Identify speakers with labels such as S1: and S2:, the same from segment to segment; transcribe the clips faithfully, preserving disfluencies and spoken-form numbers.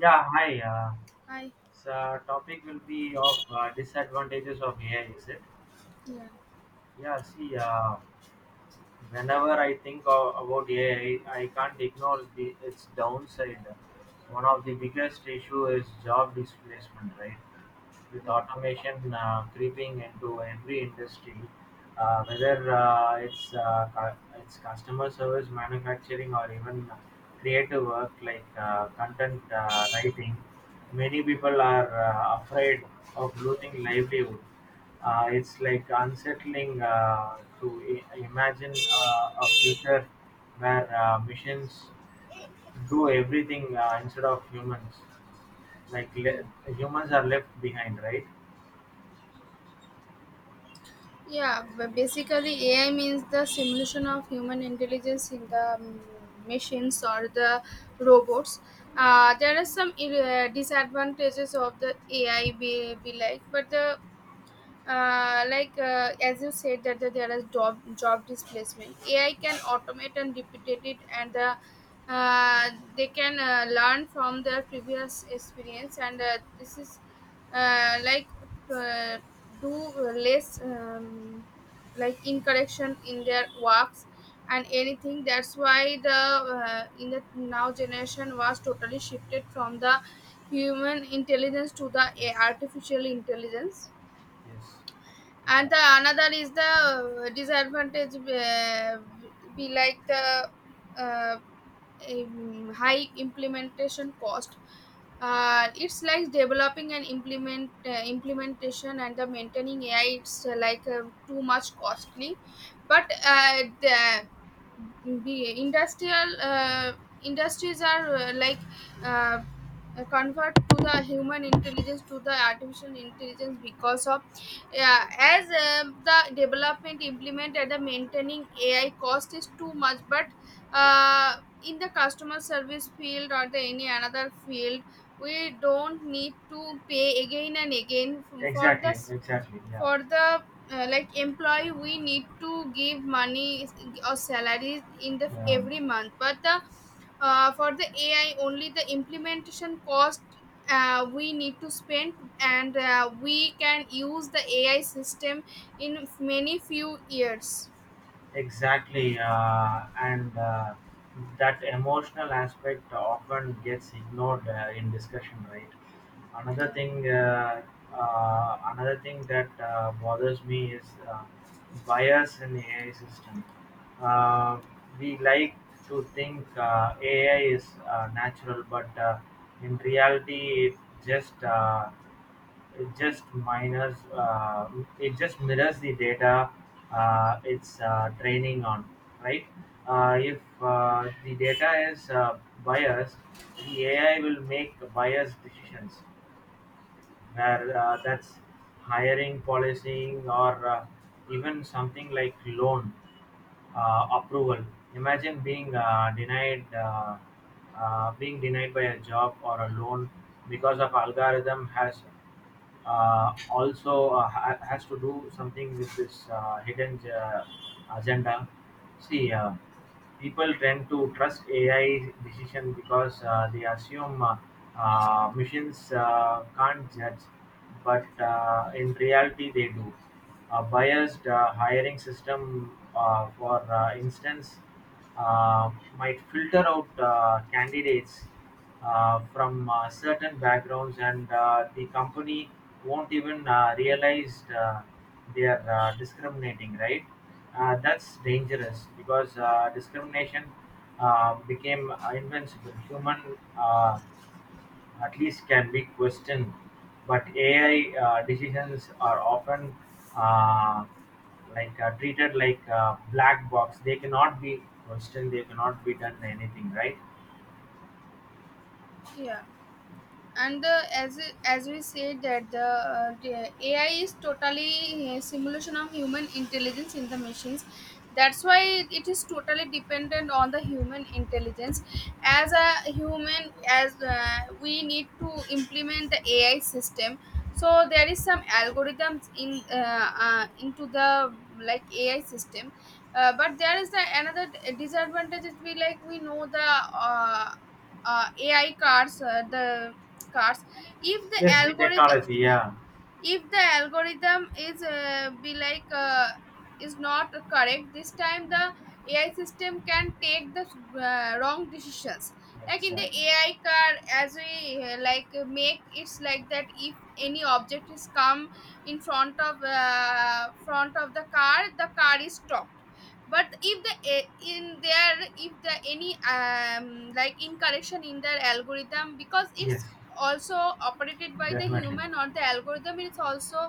S1: Yeah, hi. Uh,
S2: Hi.
S1: so topic will be of uh, disadvantages of A I, is it?
S2: Yeah,
S1: Yeah, see, uh, whenever I think of, about A I, I I can't ignore the its downside. One of the biggest issue is job displacement, right? With
S2: yeah,
S1: automation uh, creeping into every industry, uh, whether uh, it's uh, cu- it's customer service, manufacturing, or even creative work like uh, content uh, writing, many people are uh, afraid of losing livelihood. Uh, it's like unsettling uh, to I- imagine uh, a future where uh, machines do everything uh, instead of humans. Like le- Humans are left behind, right?
S2: Yeah, but basically A I means the simulation of human intelligence in the um, machines or the robots. Uh, there are some uh, disadvantages of the A I, be, be like, but the uh, like uh, as you said that, that there is job job displacement. AI can automate and replicate it, and uh, uh, they can uh, learn from their previous experience, and uh, this is uh, like uh, do less um, like incorrection in their works and anything. That's why the uh, in the now generation was totally shifted from the human intelligence to the uh,
S1: Yes,
S2: artificial intelligence.
S1: yes,
S2: And
S1: yeah,
S2: the another is the uh, disadvantage, uh, be like the uh, um, high implementation cost. Uh, it's like developing and implement uh, implementation and the maintaining AI. It's uh, like uh, too much costly, but uh, the, the industrial uh, industries are uh, like uh, convert to the human intelligence to the artificial intelligence because of, yeah, as um, the development implement implemented the maintaining AI cost is too much. But uh, in the customer service field or the any another field, we don't need to pay again and again f- for the
S1: exactly,
S2: s-
S1: exactly, yeah,
S2: for the uh, like employee. We need to give money or salaries in the
S1: yeah,
S2: every month. But the uh, for the AI only the implementation cost uh, we need to spend, and uh, we can use the AI system in many few years.
S1: exactly. Uh, and uh, that emotional aspect often gets ignored uh, in discussion, right? Another
S2: yeah
S1: thing, uh, uh, another thing that uh, bothers me is uh, bias in A I system. Uh, we like to think uh, A I is uh, natural, but uh, in reality, it just uh, It just minors uh, it just mirrors the data uh, it's uh, training on, right? Uh, if uh, the data is uh, biased, the A I will make biased decisions where uh, that's hiring, policing, or uh, even something like loan uh, approval. Imagine being uh, denied uh, uh, being denied by a job or a loan because of algorithm has uh, also uh, ha- has to do something with this uh, hidden uh, agenda. See. Uh, People tend to trust A I decisions because uh, they assume uh, uh, machines uh, can't judge, but uh, in reality they do. A biased uh, hiring system, uh, for uh, instance, uh, might filter out uh, candidates uh, from uh, certain backgrounds, and uh, the company won't even uh, realize uh, they are uh, discriminating, right? Uh, that's dangerous because uh, discrimination uh, became invincible. Human uh, at least can be questioned, but A I uh, decisions are often uh, like uh, treated like a black box. They cannot be questioned. They cannot be done anything, right?
S2: yeah and the, as as we said that the, uh, the A I is totally uh, simulation of human intelligence in the machines. That's why it is totally dependent on the human intelligence. As a human, as uh, we need to implement the A I system, so there is some algorithms in uh, uh, into the like A I system. Uh, but there is the another disadvantage is we like we know the. Uh, uh, A I cars, uh, the cars. If the
S1: Yes, the
S2: algorithm
S1: technology. Yeah,
S2: if the algorithm is uh, be like uh, is not correct, this time the AI system can take the uh, wrong decisions, like in the
S1: exactly.
S2: AI car. As we uh, like make, it's like that if any object is come in front of, uh, front of the car, the car is stopped. But if the a- in there, if the any um like incorrection in their algorithm, because
S1: Yes,
S2: it's also operated by the
S1: definitely.
S2: human or the algorithm, it's also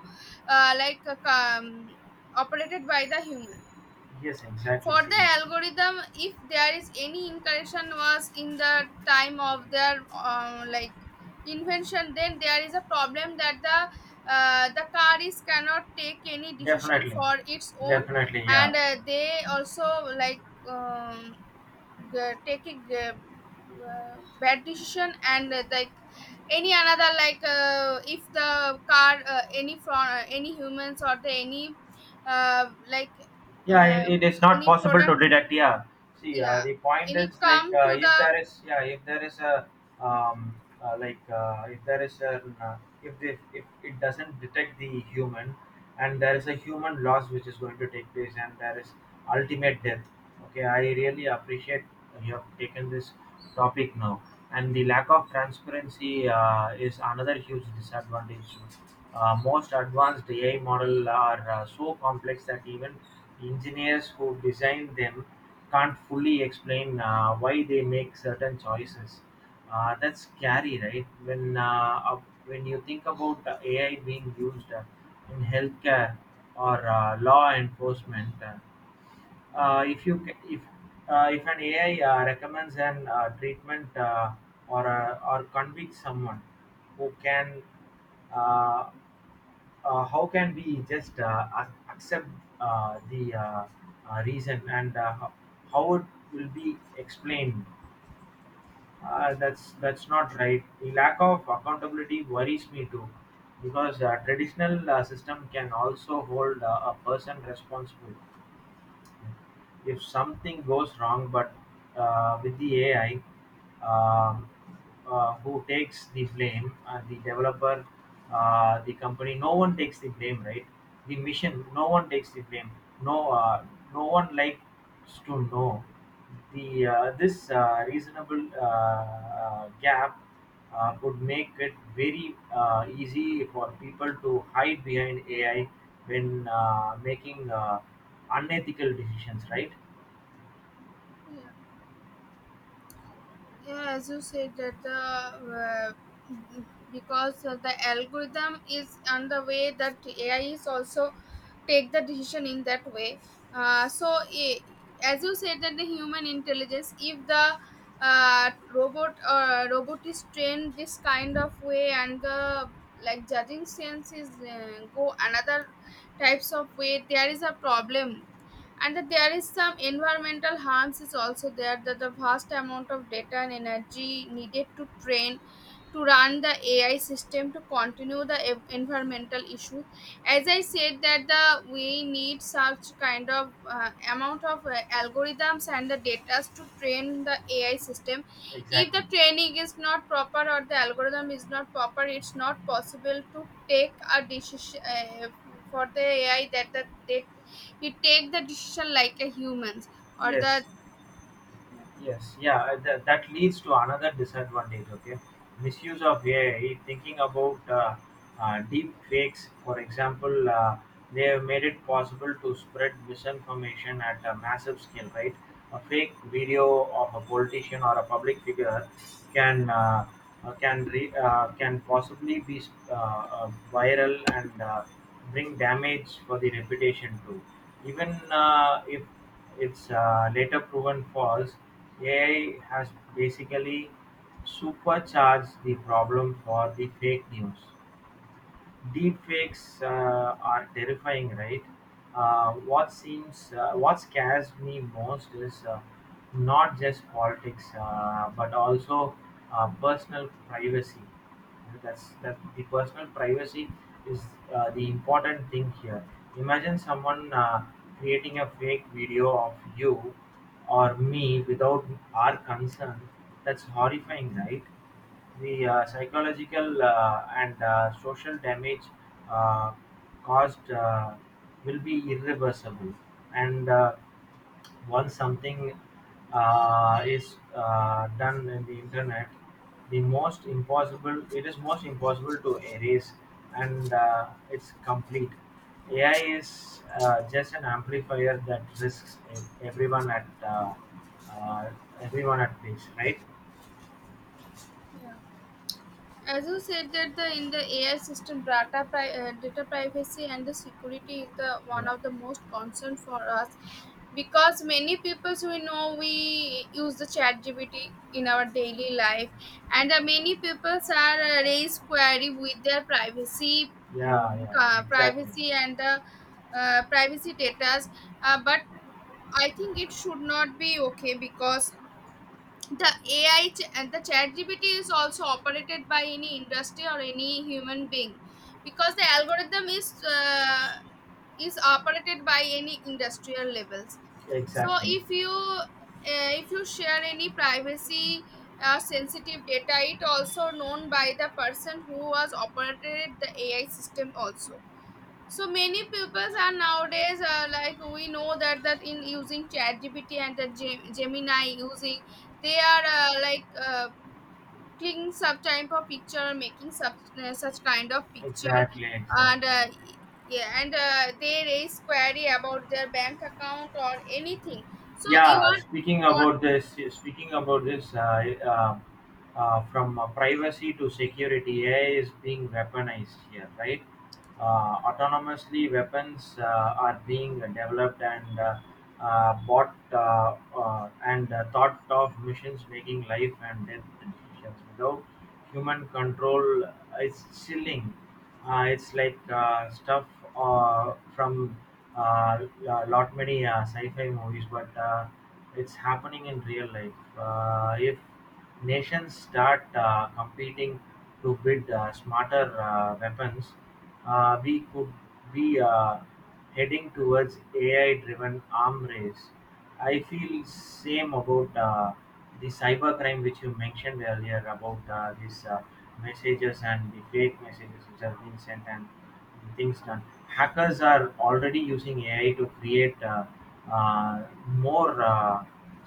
S2: uh, like uh, um, operated by the human.
S1: Yes, exactly.
S2: For
S1: See,
S2: the algorithm, if there is any incorrection was in the time of their uh, like invention, then there is a problem that the uh, the car is cannot take any decision
S1: definitely,
S2: for its own.
S1: definitely. Yeah.
S2: And uh, they also like um, g- taking uh, uh, bad decision, and uh, like any another like uh, if the car uh, any from uh, any humans or the any uh, like
S1: Yeah,
S2: uh,
S1: it, it is not
S2: any
S1: possible to
S2: product,
S1: detect. Yeah, see, uh,
S2: yeah,
S1: the point
S2: any
S1: is like
S2: come
S1: uh,
S2: to
S1: if
S2: the.
S1: there is, yeah, if there is a um, uh, like uh, if there is a, uh, if the, if it doesn't detect the human, and there is a human loss which is going to take place, and there is ultimate death. Okay, I really appreciate you have taken this topic now, and the lack of transparency uh, is another huge disadvantage uh, Most advanced A I models are uh, so complex that even engineers who design them can't fully explain uh, why they make certain choices. Uh, that's scary, right? When uh, uh, when you think about uh, A I being used uh, in healthcare or uh, law enforcement, uh, uh, if you ca- if uh, if an A I uh, recommends an uh, treatment uh, or uh, or convicts someone who can uh, uh, how can we just uh, ac- accept uh, the uh, uh, reason and uh, ho- how it will be explained uh, that's that's not right The lack of accountability worries me too because uh, traditional uh, system can also hold uh, a person responsible if something goes wrong, but uh, with the A I um, uh, who takes the blame? Uh, the developer, uh, the company? No one takes the blame, right? The mission, no one takes the blame. no uh, no one likes to know the uh, this uh, reasonable uh, uh, gap uh, could make it very uh, easy for people to hide behind A I when uh, making uh, unethical decisions, right?
S2: Yeah. yeah as you said that the uh, because uh, the algorithm is on the way that AI is also take the decision in that way. uh, so i- as you said that the human intelligence, if the uh, robot uh, robot is trained this kind of way, and the like judging sense is uh, go another types of way, there is a problem. And that there is some environmental harms is also there, that the vast amount of data and energy needed to train to run the AI system to continue the ev- environmental issue. As I said that the we need such kind of uh, amount of uh, algorithms and the data to train the AI system. If
S1: Exactly.
S2: the training is not proper or the algorithm is not proper, it's not possible to take a decision uh, for the AI, that the, they he take the decision like a humans or
S1: Yes.
S2: the. Yeah.
S1: Yes, yeah, uh, that, that leads to another disadvantage. Okay, misuse of A I. Thinking about uh, uh, deep fakes, for example, uh, they have made it possible to spread misinformation at a massive scale. Right, a fake video of a politician or a public figure can uh, uh, can re, uh, can possibly be uh, uh, viral and uh, bring damage for the reputation too. Even uh, if it's is later proven false, A I has basically supercharged the problem for the fake news. Deepfakes uh, are terrifying, right? Uh, what seems, uh, what scares me most is uh, not just politics, uh, but also uh, personal privacy. That's that the personal privacy is uh, the important thing here. Imagine someone uh, creating a fake video of you or me without our consent. That's horrifying, right? The uh, psychological uh, and uh, social damage uh, caused uh, will be irreversible, and uh, once something uh, is uh, done in the internet, the most impossible it is most impossible to erase, and uh, it's complete. A I is uh, just an amplifier that risks ev- everyone at uh, uh, everyone at risk, right?
S2: As you said that the in the AI system, data pri- uh, data privacy and the security is the one
S1: Yeah.
S2: of the most concern for us, because many people, so we know we use the chat gpt in our daily life, and uh, many people are uh, raised query with their privacy.
S1: Yeah,
S2: Mm,
S1: yeah,
S2: uh,
S1: exactly,
S2: privacy and the uh, privacy data. Uh, but I think it should not be okay, because the A I ch- and the chat G P T is also operated by any industry or any human being, because the algorithm is uh, is operated by any industrial levels. So
S1: exactly,
S2: if you uh, if you share any privacy uh, sensitive data, it also known by the person who was operated the AI system also. So many pupils are nowadays uh, like we know that that in using ChatGPT and the Gem- Gemini using, they are uh, like uh, clicking some type of picture, making such uh, such kind of picture,
S1: exactly, exactly.
S2: and uh, yeah, and uh, they raise query about their bank account or anything. So you
S1: Yeah, speaking
S2: are.
S1: about this, speaking about this, uh, uh, uh, from uh, privacy to security, A I is being weaponized here, right? Uh, autonomously, weapons uh, are being developed and uh, uh, bought uh, uh, and uh, thought of missions making life and death decisions without human control. It's chilling. Uh, it's like uh, stuff uh, from uh, a lot many uh, sci-fi movies, but uh, it's happening in real life. Uh, if nations start uh, competing to build uh, smarter uh, weapons, uh, we could be uh, heading towards A I-driven arm race. I feel same about. Uh, the cybercrime which you mentioned earlier about uh, these uh, messages and the fake messages which are being sent and things done. Hackers are already using A I to create uh, uh, more uh,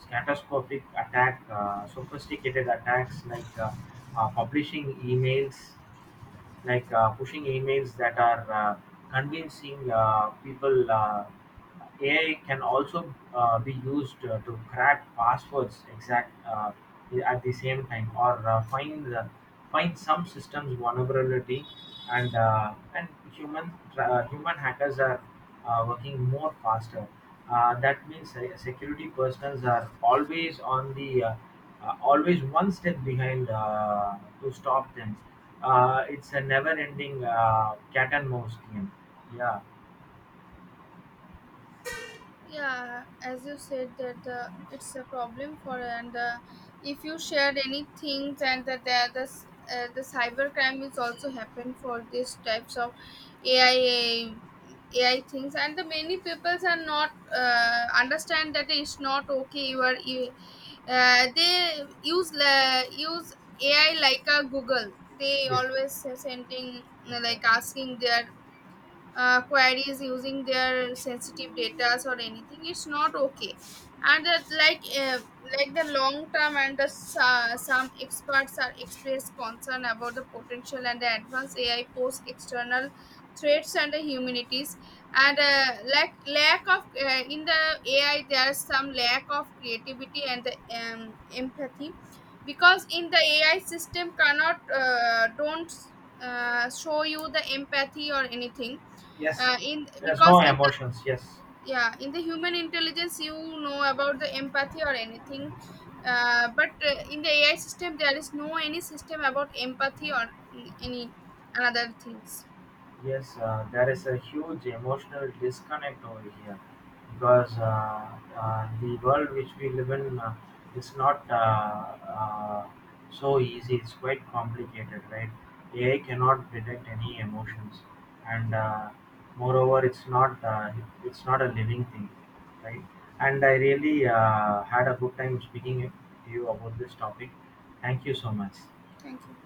S1: catastrophic attack, uh, sophisticated attacks like uh, uh, publishing emails like uh, pushing emails that are uh, convincing uh, people. Uh, A I can also uh, be used uh, to crack passwords exact uh, at the same time or uh, find the, find some systems vulnerability and uh, and human uh, human hackers are uh, working more faster. Uh, that means uh, security personnel are always on the uh, uh, always one step behind uh, to stop them. Uh, it's a never-ending uh, cat and mouse game. Yeah.
S2: Yeah, as you said that the it's a problem for, and uh, if you shared any things, and that there the s- uh, the cyber crime is also happen for these types of A I. A I things, and the many peoples are not uh, understand that it's not okay. You are you- uh, they use la use A I like a Google. They
S1: Yes.
S2: always sending, like
S1: Exactly.
S2: asking their uh, queries using their sensitive data or anything. It's not okay. And that like uh, like the long term and the s- uh, some experts are expressed concern about the potential and the advanced AI pose external threats and the humanities. And uh, lack lack of uh, in the AI there is some lack of creativity and the um, empathy, because in the AI system cannot uh, don't uh, show you the empathy or anything.
S1: Yes.
S2: Uh, in
S1: There's no
S2: Because in the,
S1: emotions. Yes.
S2: yeah, in the human intelligence you know about the empathy or anything. Uh, but uh, in the AI system there is no any system about empathy or mm, any another things.
S1: Yes, uh, there is a huge emotional disconnect over here because uh, uh, the world which we live in uh, is not uh, uh, so easy. It's quite complicated, right? A I cannot detect any emotions, and uh, moreover, it's not uh, it's not a living thing, right? And I really uh, had a good time speaking to you about this topic. Thank you so much.
S2: Thank you.